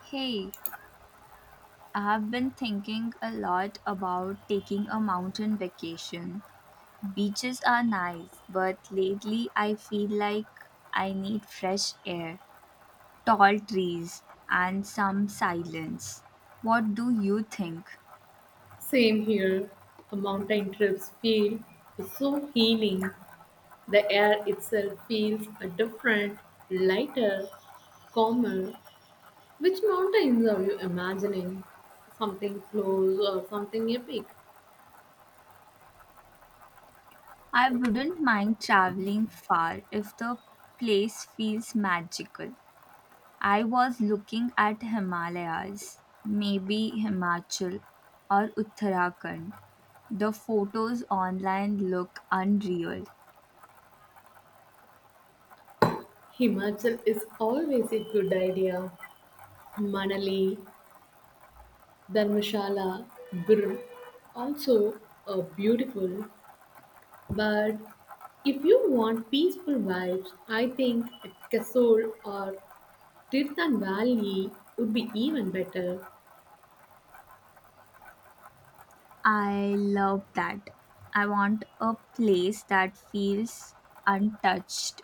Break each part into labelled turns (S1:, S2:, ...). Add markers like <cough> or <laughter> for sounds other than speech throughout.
S1: Hey, I have been thinking a lot about taking a mountain vacation. Beaches are nice, but lately I feel like I need fresh air, tall trees, and some silence. What do you think?
S2: Same here. A mountain trips feel so healing. The air itself feels a different, lighter, calmer. Which mountains are you imagining? Something close or something epic?
S1: I wouldn't mind traveling far if the place feels magical. I was looking at Himalayas, maybe Himachal or Uttarakhand. The photos online look unreal.
S2: Himachal is always a good idea. Manali, Dharmshala, Guru, also beautiful. But if you want peaceful vibes, I think Kasol or Fifth and Valley would be even better.
S1: I love that. I want a place that feels untouched.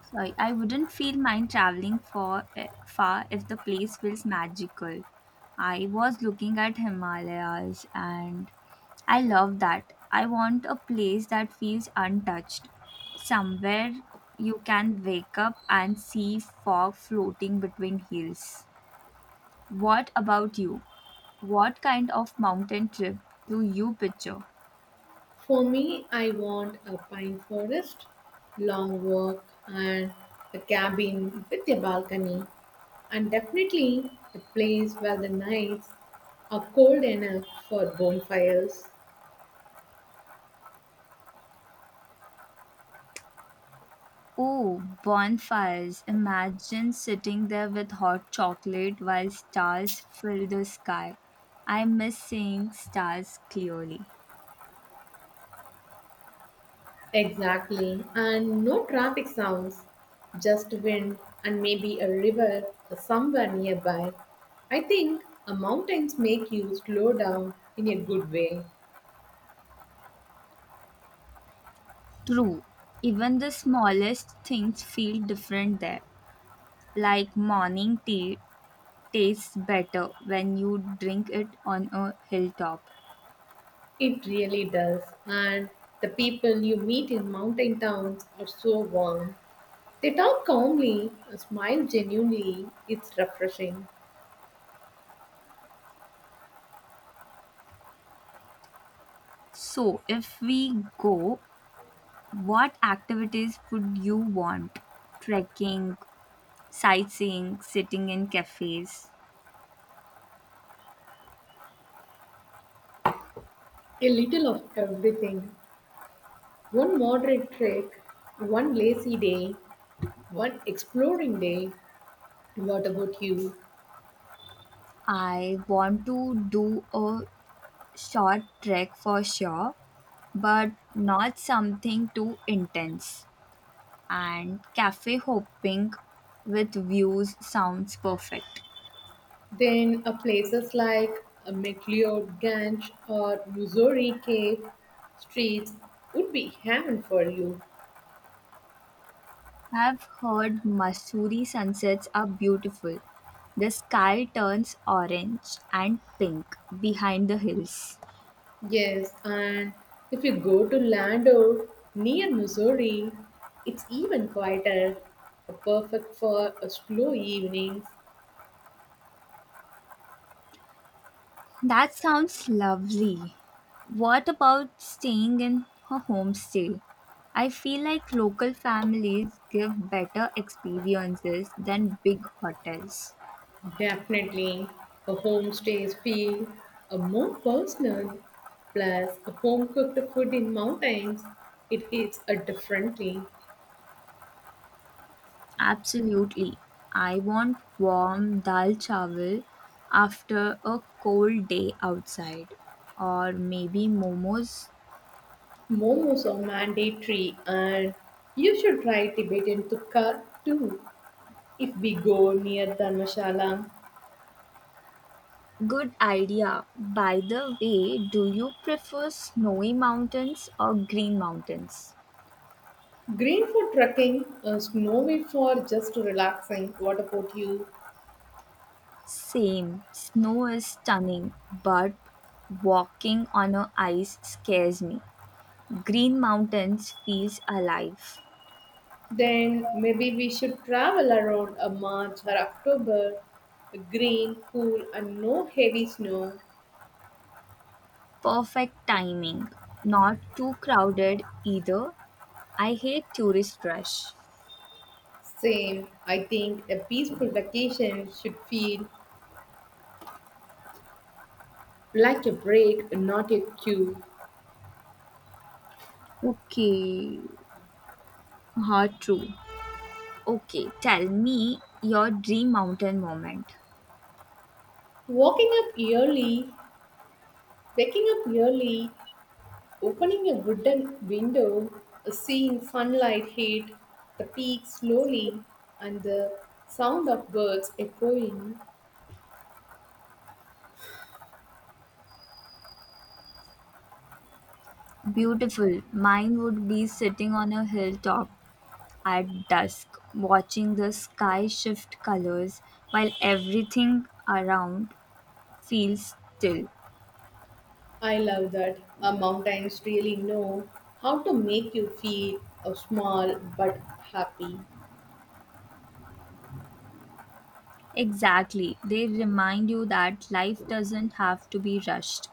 S1: Sorry, I wouldn't feel mind traveling for far if the place feels magical. I was looking at Himalayas, and I love that. I want a place that feels untouched, somewhere you can wake up and see fog floating between hills. What about you? What kind of mountain trip do you picture?
S2: For me, I want a pine forest, long walk, and a cabin with a balcony, and definitely a place where the nights are cold enough for bonfires.
S1: Oh, bonfires. Imagine sitting there with hot chocolate while stars fill the sky. I miss seeing stars clearly.
S2: Exactly, and no traffic sounds, just wind and maybe a river somewhere nearby. I think mountains make you slow down in a good way.
S1: True, even the smallest things feel different there. Like morning tea tastes better when you drink it on a hilltop.
S2: It really does. And the people you meet in mountain towns are so warm. They talk calmly, smile genuinely. It's refreshing.
S1: So, if we go, what activities would you want? Trekking, sightseeing, sitting in cafes.
S2: A little of everything. One moderate trek, one lazy day, one exploring day. What about you?
S1: I want to do a short trek for sure, but not something too intense. And cafe hopping with views sounds perfect.
S2: Then places like McLeod Ganj or Missouri Cave streets would be heaven for you.
S1: I've heard Masuri sunsets are beautiful. The sky turns orange and pink behind the hills.
S2: Yes, and if you go to Lando near Missouri, it's even quieter, perfect for a slow evening.
S1: That sounds lovely. What about staying in a homestay? I feel like local families give better experiences than big hotels.
S2: Definitely, a homestays feel a more personal. Plus, a home cooked food in mountains, it hits a differently.
S1: Absolutely. I want warm dal chawal after a cold day outside. Or maybe momos.
S2: Momos are mandatory, and you should try Tibetan tukka too if we go near Dharmshala.
S1: Good idea. By the way, do you prefer snowy mountains or green mountains?
S2: Green for trekking, snowy for just relaxing. What about you?
S1: Same. Snow is stunning, but walking on a ice scares me. Green Mountains feels alive.
S2: Then maybe we should travel around a March or October. Green, cool, and no heavy snow.
S1: Perfect timing. Not too crowded either. I hate tourist rush.
S2: Same, I think a peaceful vacation should feel like a break, not a queue.
S1: Okay, hard true. Okay, tell me your dream mountain moment.
S2: Walking up early, waking up early. Opening a wooden window, seeing sunlight hit the peak slowly, and the sound of birds echoing.
S1: Beautiful. Mine would be sitting on a hilltop at dusk, watching the sky shift colors while everything around feels still.
S2: I love that. Our mountains really know how to make you feel small but happy.
S1: Exactly, they remind you that life doesn't have to be rushed.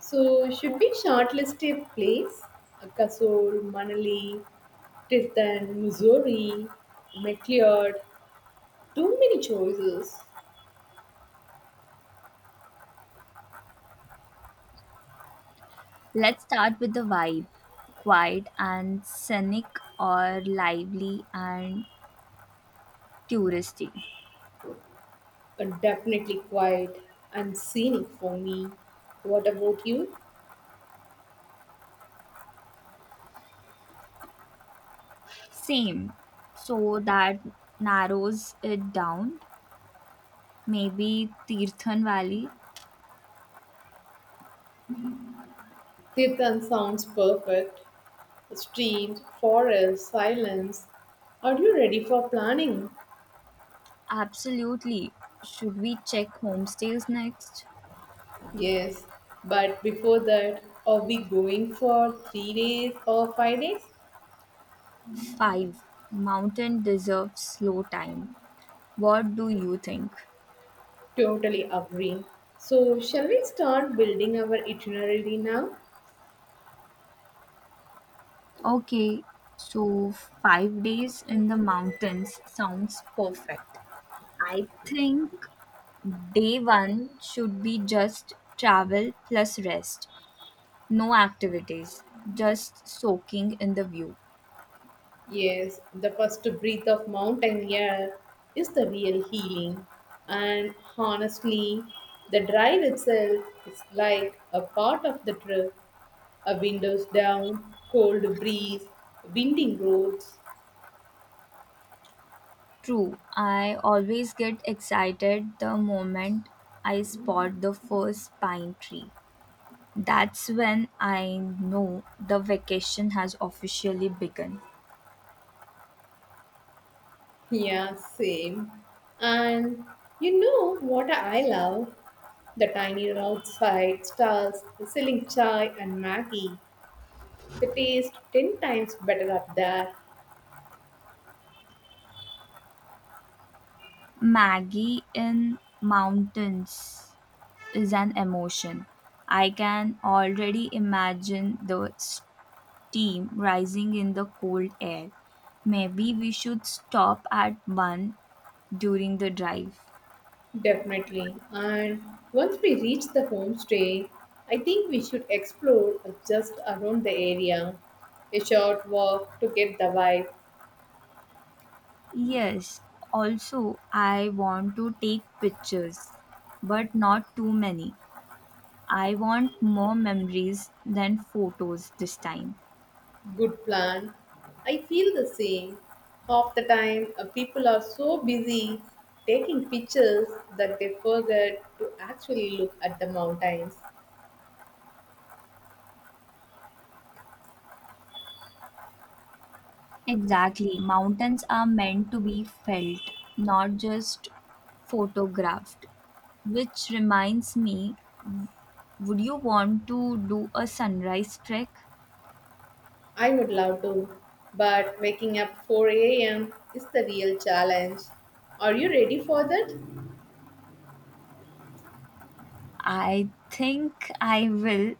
S2: So, should we shortlist a place? Kasol, Manali, Tristan, Missouri, McLeod. Too many choices.
S1: Let's start with the vibe, quiet and scenic, or lively and touristy.
S2: Definitely quiet and scenic for me. What about you?
S1: Same, so that narrows it down. Maybe Tirthan Valley.
S2: Tirthan sounds perfect. Streams, forest, silence. Are you ready for planning?
S1: Absolutely. Should we check homestays next?
S2: Yes, but before that, are we going for 3 days or 5 days?
S1: Five. Mountain deserves slow time. What do you think?
S2: Totally agree. So, shall we start building our itinerary now?
S1: Okay, so 5 days in the mountains sounds perfect. I think day one should be just travel plus rest. No activities, just soaking in the view.
S2: Yes, the first breath of mountain air is the real healing. And honestly, the drive itself is like a part of the trip. A windows down, cold breeze, winding roads.
S1: True, I always get excited the moment I spot the first pine tree. That's when I know the vacation has officially begun.
S2: Yeah, same. And you know what I love? The tiny roadside stalls selling chai and Maggie. They taste 10 times better up there.
S1: Maggie in mountains is an emotion. I can already imagine the steam rising in the cold air. Maybe we should stop at one during the drive.
S2: Definitely. And once we reach the homestay, I think we should explore just around the area. A short walk to get the vibe.
S1: Yes, also, I want to take pictures, but not too many. I want more memories than photos this time.
S2: Good plan. I feel the same. Half the time, people are so busy taking pictures that they forget to actually look at the mountains.
S1: Exactly. Mountains are meant to be felt, not just photographed. Which reminds me, would you want to do a sunrise trek?
S2: I would love to, but waking up 4 a.m. is the real challenge. Are you ready for that?
S1: I think I will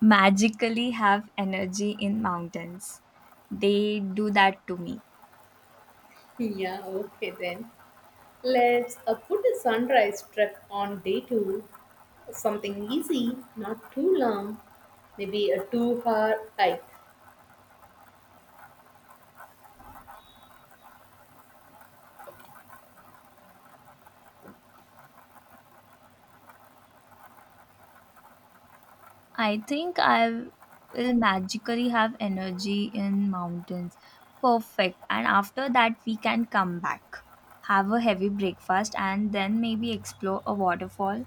S1: magically have energy in mountains. They do that to me.
S2: <laughs> Yeah, okay then. Let's put a sunrise trek on day two. Something easy, not too long. Maybe a 2 hour hike.
S1: I think I will magically have energy in mountains. Perfect. And after that, we can come back, have a heavy breakfast, and then maybe explore a waterfall.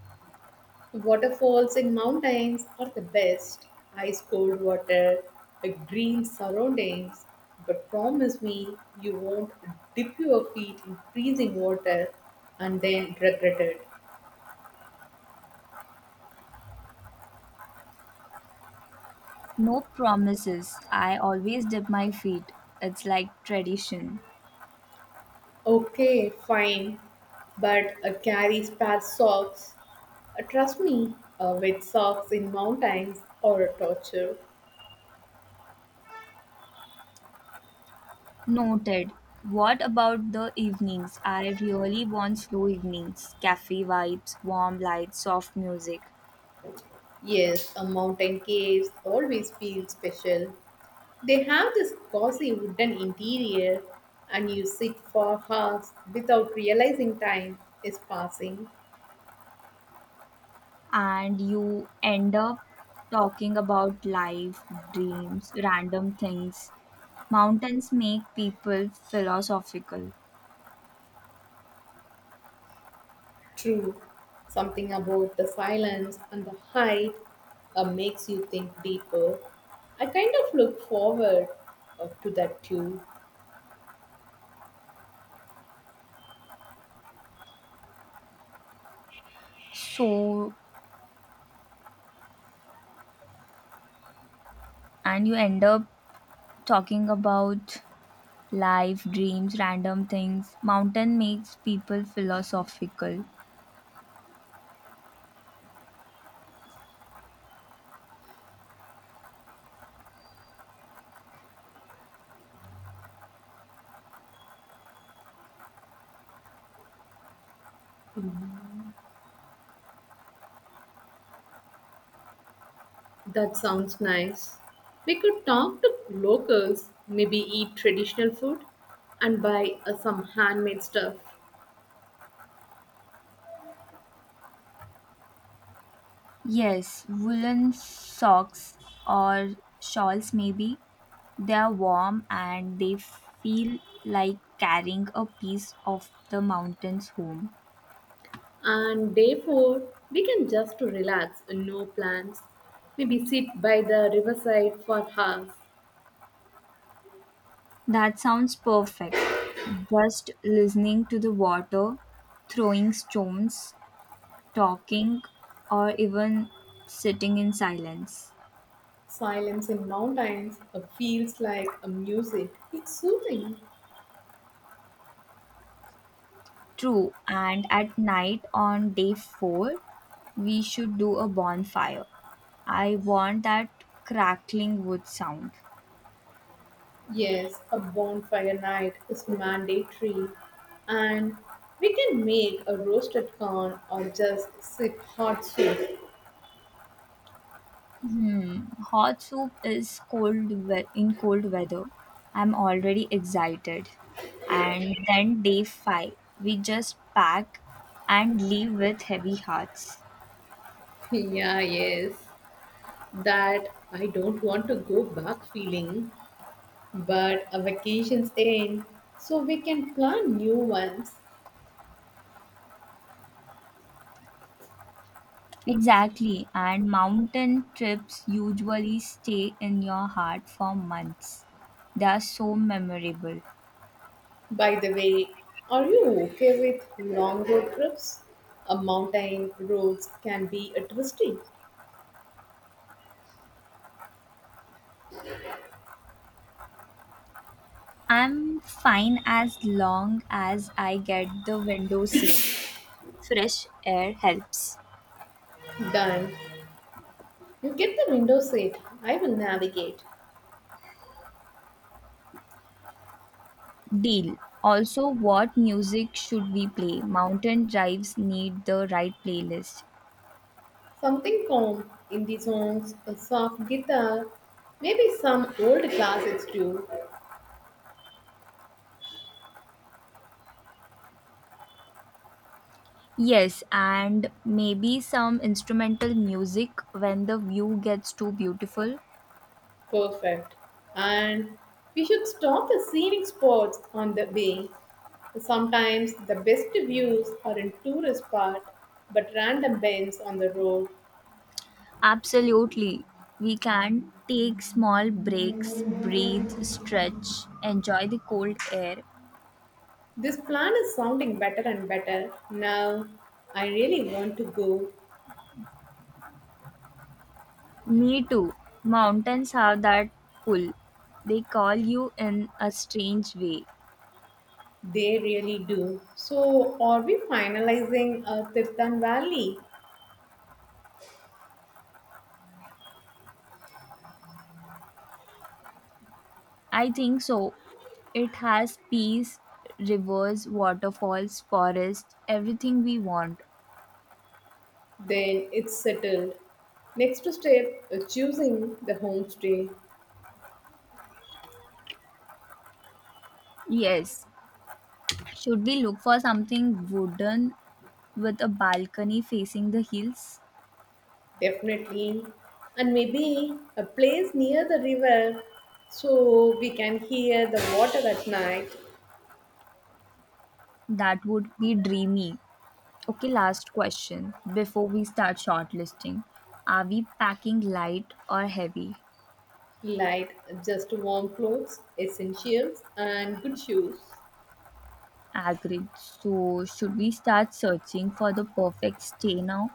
S2: Waterfalls in mountains are the best. Ice cold water, a green surroundings. But promise me you won't dip your feet in freezing water and then regret it.
S1: No promises. I always dip my feet. It's like tradition.
S2: Okay, fine. But carry spare socks. Trust me, with socks in mountains or a torture.
S1: Noted. What about the evenings? I really want slow evenings. Cafe vibes, warm lights, soft music.
S2: Yes, a mountain caves always feel special. They have this cozy wooden interior, and you sit for hours without realizing time is passing.
S1: And you end up talking about life, dreams, random things. Mountains make people philosophical.
S2: True, something about the silence and the height makes you think deeper. I kind of look forward to that too.
S1: So, and you end up talking about life, dreams, random things. Mountain makes people philosophical.
S2: That sounds nice. We could talk to locals, maybe eat traditional food and buy some handmade stuff.
S1: Yes, woolen socks or shawls, maybe. They are warm and they feel like carrying a piece of the mountains home.
S2: And day four, we can just to relax, no plans. Maybe sit by the riverside for hours.
S1: That sounds perfect. Just listening to the water, throwing stones, talking, or even sitting in silence.
S2: Silence in mountains feels like a music. It's soothing.
S1: True, and at night on day 4, we should do a bonfire. I want that crackling wood sound.
S2: Yes, a bonfire night is mandatory. And we can make a roasted corn or just sip hot soup.
S1: Hmm, hot soup is in cold weather. I'm already excited. And then day 5, we just pack and leave with heavy hearts.
S2: Yeah, yes. That I don't want to go back feeling, but our vacations end, so we can plan new ones.
S1: Exactly, and mountain trips usually stay in your heart for months. They are so memorable.
S2: By the way, are you okay with long road trips? A mountain roads can be a twisty.
S1: I'm fine as long as I get the window seat. Fresh air helps.
S2: Done. You get the window seat. I will navigate.
S1: Deal. Also, what music should we play? Mountain drives need the right playlist.
S2: Something calm in the songs, a soft guitar, maybe some old classics too.
S1: Yes, and maybe some instrumental music when the view gets too beautiful.
S2: Perfect. And we should stop the scenic spots on the way. Sometimes the best views are in tourist part, but random bends on the road.
S1: Absolutely. We can take small breaks, breathe, stretch, enjoy the cold air.
S2: This plan is sounding better and better. Now, I really want to go.
S1: Me too. Mountains have that pull. They call you in a strange way.
S2: They really do. So, are we finalizing Tirthan Valley?
S1: I think so. It has peace, rivers, waterfalls, forests, everything we want.
S2: Then it's settled. Next step, choosing the homestay.
S1: Yes. Should we look for something wooden with a balcony facing the hills?
S2: Definitely. And maybe a place near the river so we can hear the water at night.
S1: That would be dreamy. Okay, last question before we start shortlisting. Are we packing light or heavy?
S2: Light, just warm clothes, essentials, and good shoes.
S1: Agreed. So, should we start searching for the perfect stay now?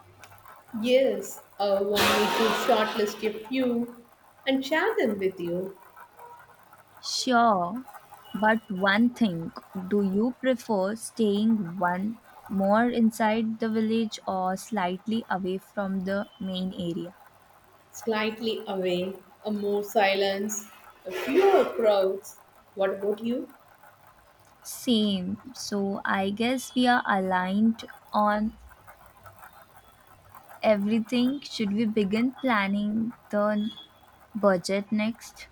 S2: Yes, I want me to shortlist a few and share them with you.
S1: Sure, but one thing, do you prefer staying one more inside the village or slightly away from the main area?
S2: Slightly away, a more silence, a fewer crowds. What about you?
S1: Same. So I guess we are aligned on everything. Should we begin planning the budget next?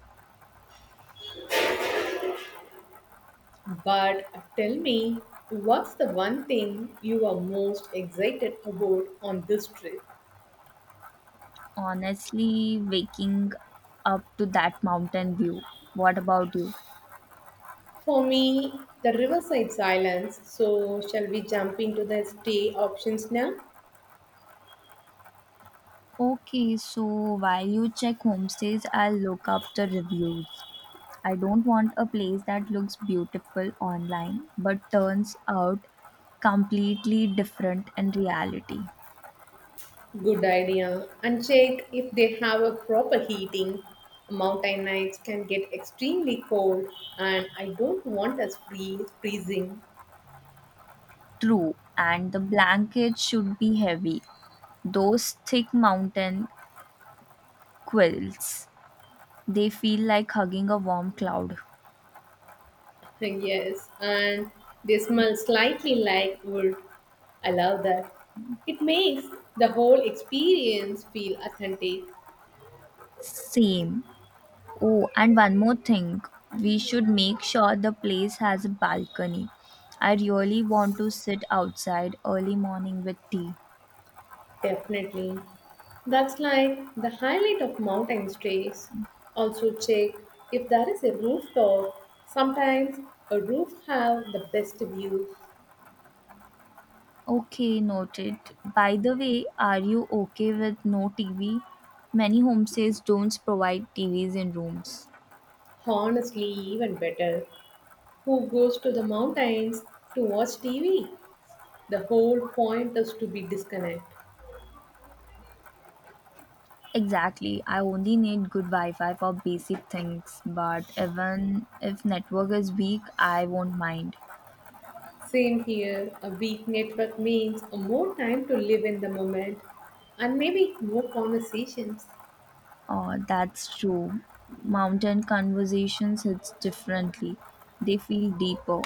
S2: But tell me, what's the one thing you are most excited about on this trip?
S1: Honestly, waking up to that mountain view. What about you?
S2: For me, the Riverside Silence. So, shall we jump into the stay options now?
S1: Okay, so while you check homestays, I'll look up the reviews. I don't want a place that looks beautiful online but turns out completely different in reality.
S2: Good idea. And check if they have a proper heating. Mountain nights can get extremely cold, and I don't want us freezing.
S1: True, and the blankets should be heavy. Those thick mountain quilts, they feel like hugging a warm cloud.
S2: Yes, and they smell slightly like wood. I love that. It makes the whole experience feel authentic.
S1: Same. Oh, and one more thing. We should make sure the place has a balcony. I really want to sit outside early morning with tea.
S2: Definitely. That's like the highlight of mountain stays. Also check if there is a rooftop. Sometimes a roof have the best view.
S1: Okay, noted. By the way, are you okay with no TV? Many homestays don't provide TVs in rooms.
S2: Honestly, even better. Who goes to the mountains to watch TV? The whole point is to be disconnect.
S1: Exactly. I only need good Wi-Fi for basic things, but even if network is weak, I won't mind.
S2: Same here. A weak network means more time to live in the moment and maybe more conversations.
S1: Oh, that's true. Mountain conversations hits differently. They feel deeper.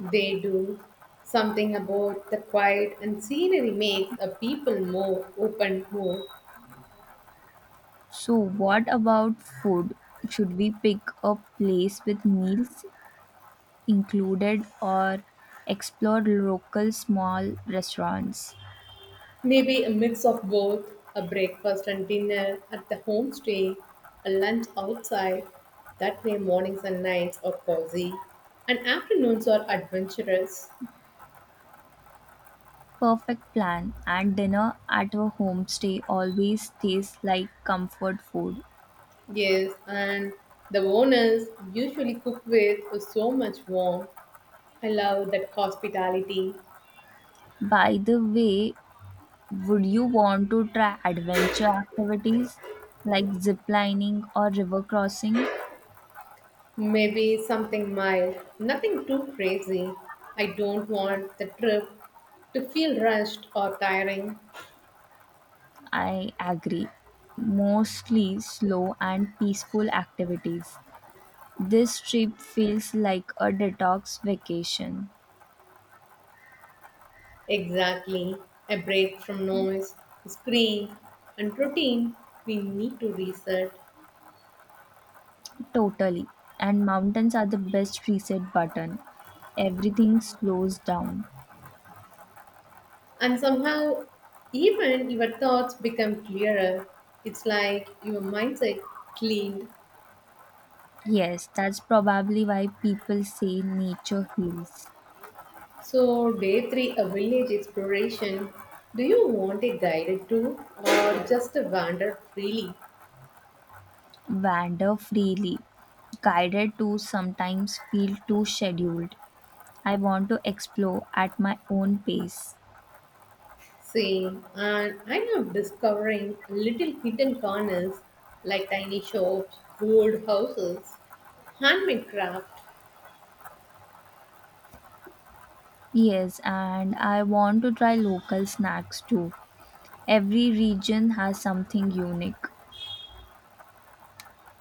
S2: They do. Something about the quiet and scenery makes a people more open more.
S1: So, what about food? Should we pick a place with meals included or explore local small restaurants?
S2: Maybe a mix of both, a breakfast and dinner at the homestay, a lunch outside. That way mornings and nights are cozy and afternoons are adventurous.
S1: Perfect plan, and dinner at a homestay always tastes like comfort food.
S2: Yes, and the owners usually cook with so much warmth. I love that hospitality.
S1: By the way, would you want to try adventure activities like zip lining or river crossing?
S2: Maybe something mild, nothing too crazy. I don't want the trip to feel rushed or tiring.
S1: I agree. Mostly slow and peaceful activities. This trip feels like a detox vacation.
S2: Exactly. A break from noise, screen, and routine. We need to reset.
S1: Totally. And mountains are the best reset button. Everything slows down.
S2: And somehow, even your thoughts become clearer. It's like your mindset cleaned.
S1: Yes, that's probably why people say nature heals.
S2: So, day three, a village exploration. Do you want a guided tour or just to wander freely?
S1: Wander freely. Guided tours sometimes feel too scheduled. I want to explore at my own pace.
S2: Same, and I am discovering little hidden corners like tiny shops, old houses, handmade craft.
S1: Yes, and I want to try local snacks too. Every region has something unique.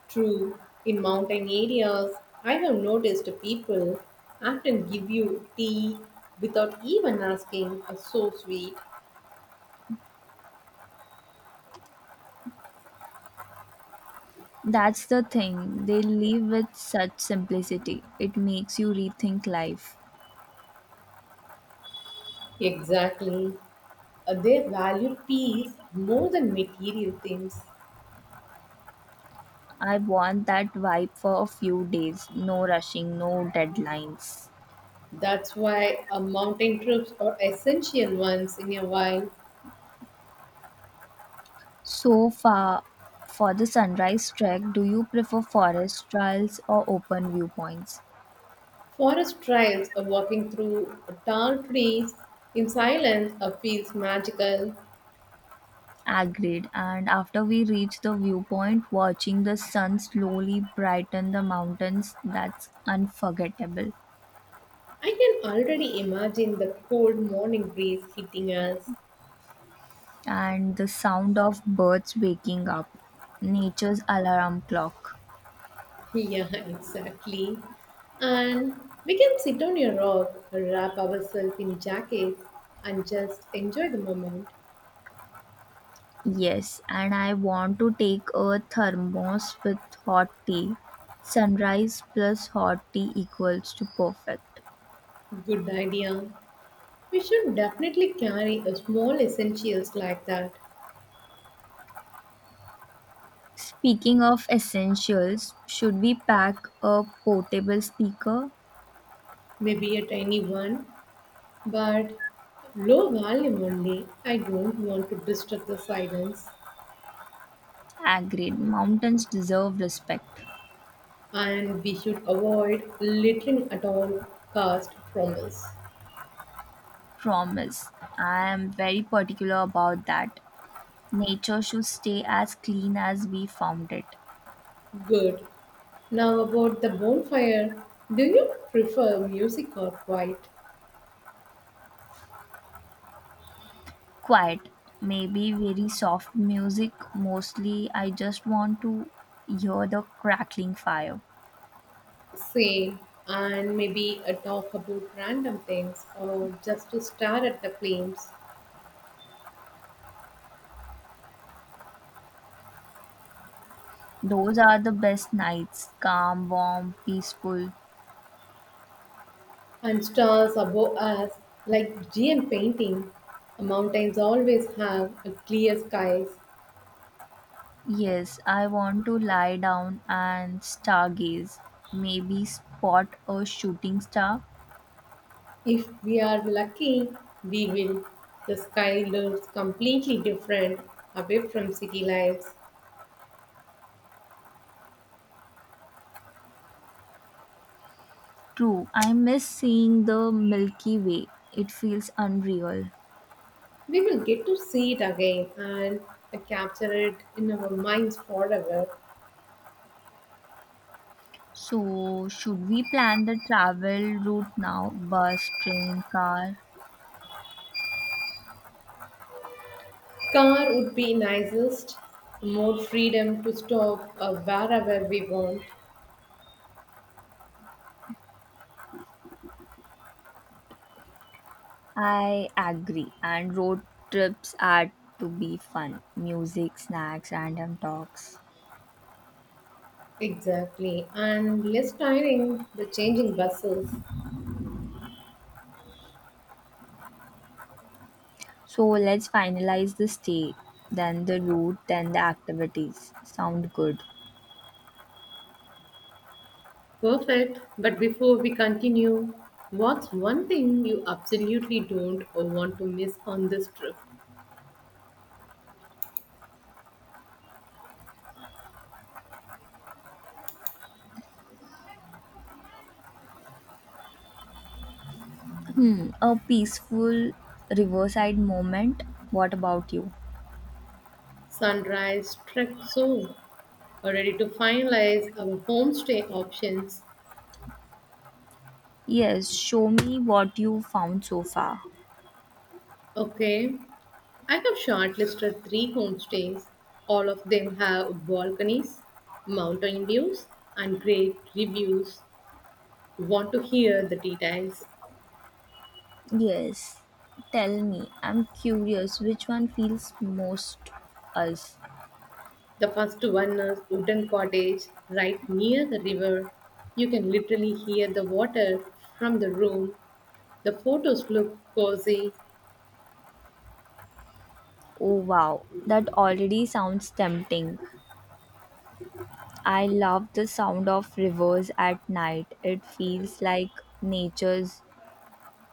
S2: True, in mountain areas, I have noticed people often give you tea without even asking. So sweet.
S1: That's the thing, they live with such simplicity. It makes you rethink life.
S2: Exactly. They value peace more than material things.
S1: I want that vibe for a few days. No rushing, no deadlines.
S2: That's why mountain trips are essential once in a while.
S1: So far, for the sunrise trek, do you prefer forest trails or open viewpoints?
S2: Forest trails or walking through tall trees in silence feels magical.
S1: Agreed. And after we reach the viewpoint, watching the sun slowly brighten the mountains, that's unforgettable.
S2: I can already imagine the cold morning breeze hitting us.
S1: And the sound of birds waking up, nature's alarm clock.
S2: Yeah, <laughs> exactly. And we can sit on a rock, wrap ourselves in jackets, and just enjoy the moment.
S1: Yes, and I want to take a thermos with hot tea. Sunrise plus hot tea equals to perfect.
S2: Good idea. We should definitely carry a small essentials like that,
S1: Speaking of essentials, should we pack a portable speaker?
S2: maybe a tiny one, but low volume only. I don't want to disturb the silence,
S1: Agreed, mountains deserve respect.
S2: and we should avoid littering at all cost. Promise.
S1: Promise, I am very particular about that. Nature should stay as clean as we found it.
S2: Good. Now about the bonfire, do you prefer music or quiet?
S1: Quiet, maybe very soft music mostly. I just want to hear the crackling fire.
S2: Same, and maybe a talk about random things or just to stare at the flames.
S1: Those are the best nights, calm, warm, peaceful.
S2: And stars above us like giant painting. Mountains always have a clear skies.
S1: Yes, I want to lie down and stargaze, maybe spot a shooting star.
S2: If we are lucky, we will. The sky looks completely different away from city lights.
S1: True, I miss seeing the Milky Way, it feels unreal.
S2: We will get to see it again and capture it in our minds forever.
S1: So, should we plan the travel route now? Bus, train, car?
S2: Car would be nicest, more freedom to stop wherever we want.
S1: I agree. And road trips are to be fun. Music, snacks, random talks.
S2: Exactly, and less tiring the changing buses.
S1: So let's finalize the stay, then the route, then the activities. Sound good.
S2: Perfect. But before we continue, what's one thing you absolutely don't or want to miss on this trip?
S1: Hmm. A peaceful riverside moment. What about you?
S2: Sunrise trek soon. Already to finalize our homestay options.
S1: Yes, show me what you found so far.
S2: Okay. I have shortlisted three homestays. All of them have balconies, mountain views, and great reviews. Want to hear the details?
S1: Yes. Tell me. I'm curious which one feels most us.
S2: The first one is wooden cottage right near the river. You can literally hear the water from the room. The photos look cozy.
S1: Oh wow, that already sounds tempting. I love the sound of rivers at night. It feels like nature's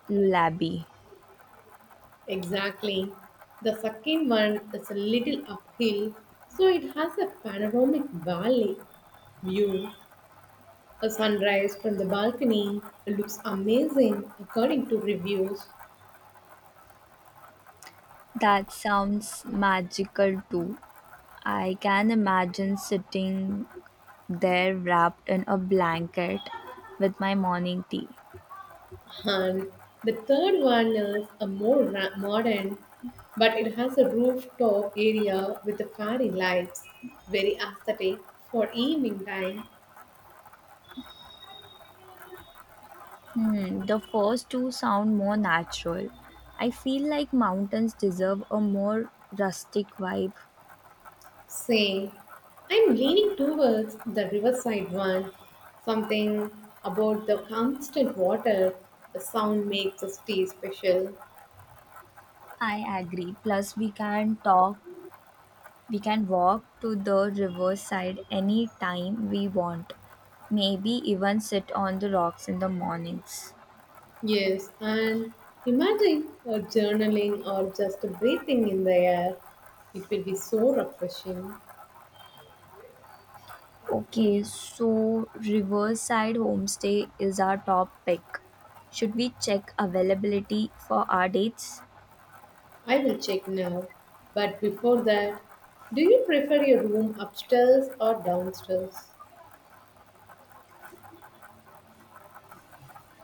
S1: lullaby.
S2: Exactly. The second one is a little uphill, so it has a panoramic valley view. A sunrise from the balcony looks amazing according to reviews.
S1: That sounds magical too. I can imagine sitting there wrapped in a blanket with my morning tea.
S2: And the third one is a more modern, but it has a rooftop area with the fairy lights, very aesthetic for evening time.
S1: Hmm, the first two sound more natural. I feel like mountains deserve a more rustic vibe.
S2: Saying, I'm leaning towards the riverside one. Something about the constant water, the sound makes the stay special.
S1: I agree. Plus, we can walk to the riverside any time we want. Maybe even sit on the rocks in the mornings.
S2: Yes, and imagine a journaling or just breathing in the air. It will be so refreshing.
S1: Okay, so Riverside Homestay is our top pick. Should we check availability for our dates?
S2: I will check now. But before that, do you prefer your room upstairs or downstairs?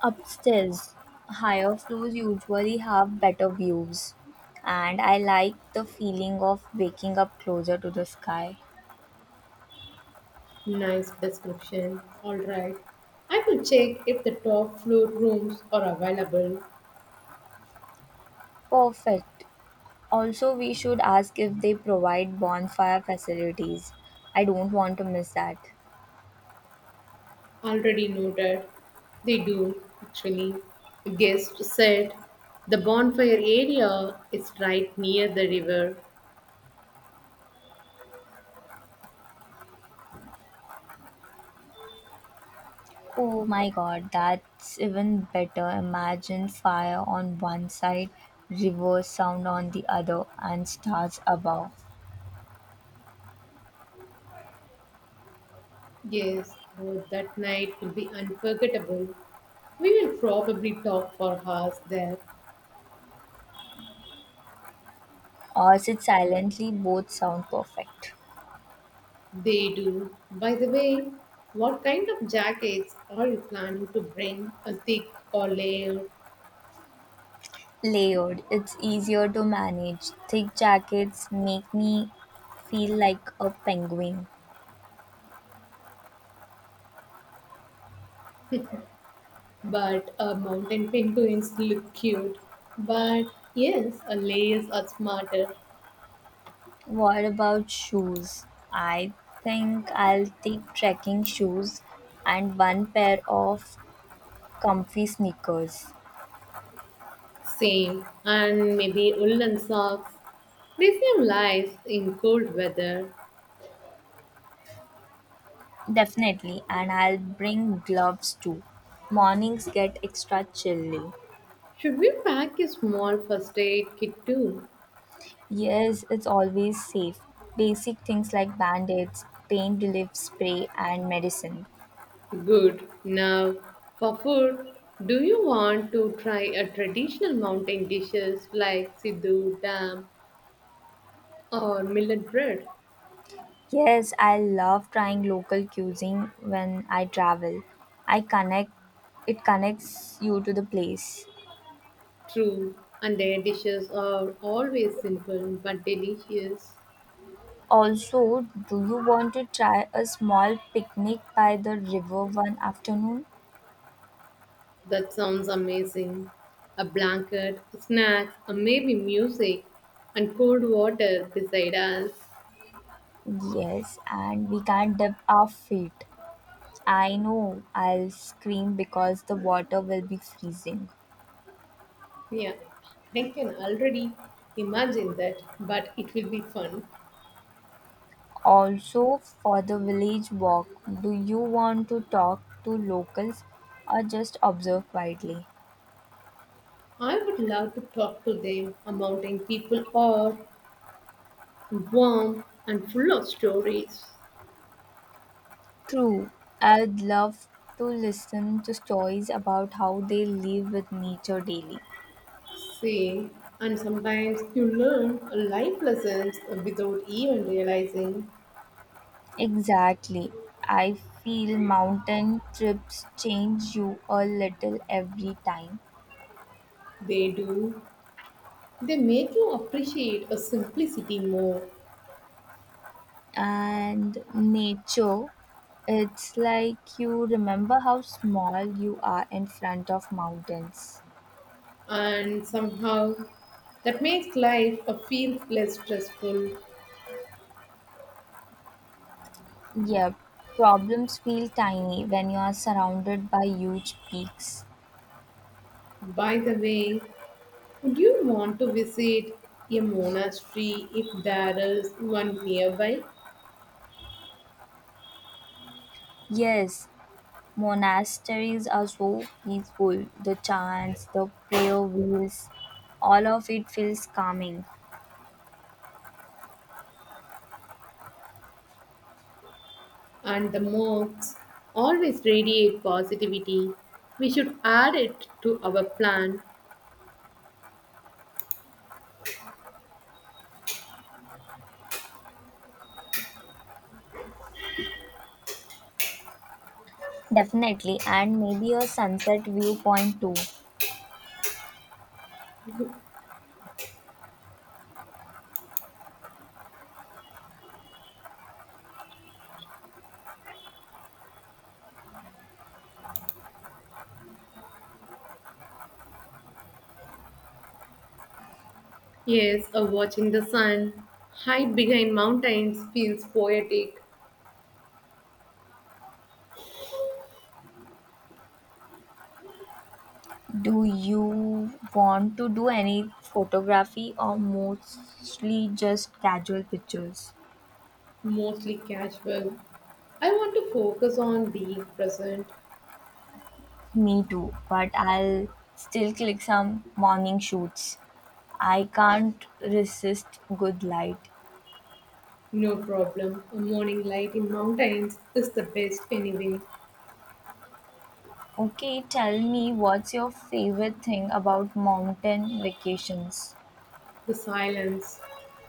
S1: Upstairs, higher floors usually have better views, and I like the feeling of waking up closer to the sky.
S2: Nice description. All right. I will check if the top floor rooms are available.
S1: Perfect. Also, we should ask if they provide bonfire facilities. I don't want to miss that.
S2: Already noted. They do, actually. Guest said the bonfire area is right near the river.
S1: Oh my god, that's even better. Imagine fire on one side, reverse sound on the other, and stars above.
S2: Yes, oh, that night will be unforgettable. We will probably talk for hours there.
S1: Or sit silently, both sound perfect.
S2: They do. By the way, what kind of jackets are you planning to bring? A thick or layered,
S1: Layered, it's easier to manage. Thick jackets make me feel like a penguin.
S2: but a mountain penguins look cute. But yes, a layers are smarter.
S1: What about shoes? I think I'll take trekking shoes and one pair of comfy sneakers.
S2: Same. And maybe woolen socks. They seem lies in cold weather.
S1: Definitely, and I'll bring gloves too. Mornings get extra chilly.
S2: Should we pack a small first aid kit too?
S1: Yes, it's always safe. Basic things like band-aids, pain relief spray, and medicine.
S2: Good. Now, for food, do you want to try a traditional mountain dishes like siddu, dam, or millet bread?
S1: Yes, I love trying local cuisine when I travel. I connect It connects you to the place.
S2: True, and their dishes are always simple but delicious.
S1: Also, do you want to try a small picnic by the river one afternoon?
S2: That sounds amazing. A blanket, snacks, or maybe music, and cold water beside us.
S1: Yes, and we can dip our feet. I know I'll scream because the water will be freezing.
S2: Yeah, I can already imagine that, but it will be fun.
S1: Also, for the village walk, do you want to talk to locals or just observe quietly?
S2: I would love to talk to them, a mountain people are warm and full of stories.
S1: True, I'd love to listen to stories about how they live with nature daily.
S2: See, and sometimes you learn life lessons without even realizing
S1: Exactly. I feel mountain trips change you a little every time.
S2: they do. They make you appreciate a simplicity more,
S1: And nature, it's like you remember how small you are in front of mountains.
S2: and somehow that makes life a feel less stressful.
S1: Yep, problems feel tiny when you are surrounded by huge peaks.
S2: By the way, would you want to visit a monastery if there is one nearby?
S1: Yes, monasteries are so peaceful. The chants, the prayer wheels, all of it feels calming.
S2: And the mocks always radiate positivity. We should add it to our plan.
S1: Definitely, and maybe a sunset viewpoint too.
S2: Yes, watching the sun hide behind mountains feels poetic,
S1: Do you want to do any photography or mostly just casual pictures?
S2: mostly casual. I want to focus on being present.
S1: Me too, but I'll still click some morning shoots. I can't resist good light.
S2: No problem. A morning light in mountains is the best anyway.
S1: Okay, tell me, what's your favorite thing about mountain vacations?
S2: The silence,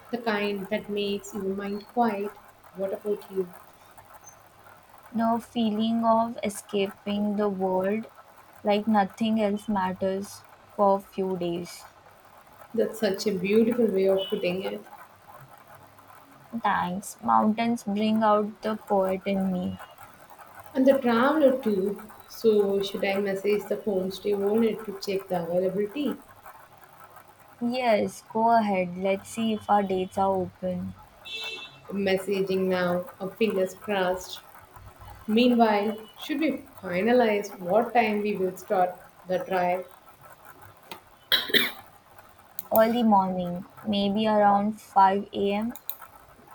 S2: the kind that makes your mind quiet. What about you?
S1: The feeling of escaping the world, like nothing else matters for a few days.
S2: That's such a beautiful way of putting it.
S1: Thanks. Mountains bring out the poet in me.
S2: And the traveler too. So should I message the homestay owner to check the availability?
S1: Yes, go ahead. Let's see if our dates are open.
S2: Messaging now, fingers crossed. Meanwhile, should we finalize what time we will start the drive?
S1: Early morning, maybe around 5 am.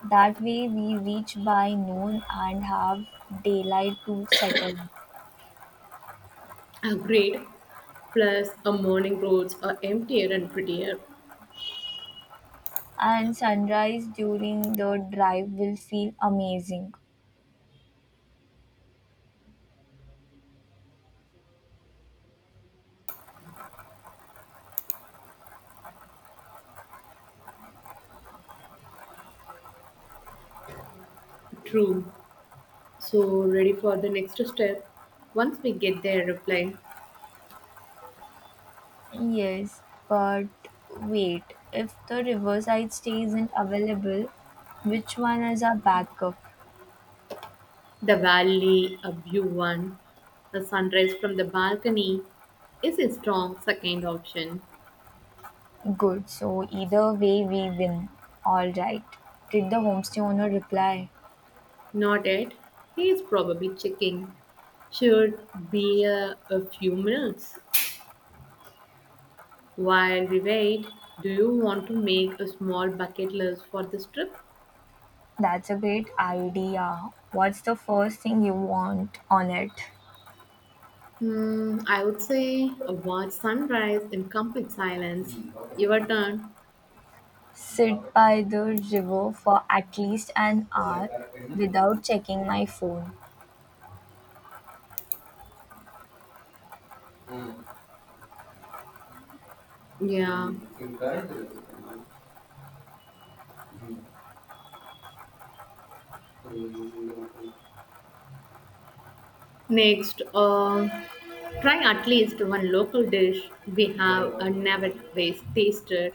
S1: That way we reach by noon and have daylight to settle.
S2: Agreed. Plus, a morning roads are emptier and prettier.
S1: And sunrise during the drive will feel amazing.
S2: True. So ready for the next step. Once we get there, reply
S1: Yes, but wait, if the Riverside stay isn't available, which one is our backup?
S2: the valley, a view one, the sunrise from the balcony is a strong second option.
S1: Good, so either way we win. Alright. Did the homestay owner reply?
S2: Not yet. He is probably checking. Should be a few minutes. While we wait, do you want to make a small bucket list for this trip?
S1: That's a great idea. What's the first thing you want on it?
S2: Hmm, I would say a watch sunrise in complete silence. Your turn.
S1: Sit by the river for at least an hour without checking my phone.
S2: Yeah. Next, try at least one local dish we have never taste- tasted.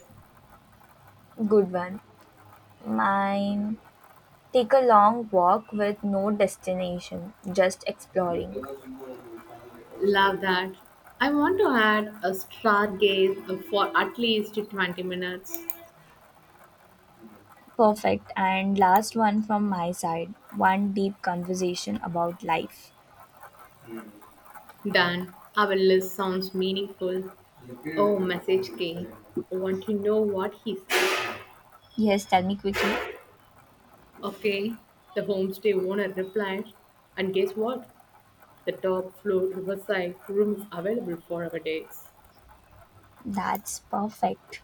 S1: Good one. Mine. Take a long walk with no destination, just exploring.
S2: Love that. I want to add a stargaze for at least 20 minutes.
S1: Perfect. And last one from my side, one deep conversation about life.
S2: Done. Our list sounds meaningful. Oh, message king. Want to know what he said?
S1: Yes, tell me quickly.
S2: Okay. The homestay owner replied. And guess what? The top floor riverside room is available for our dates.
S1: That's perfect.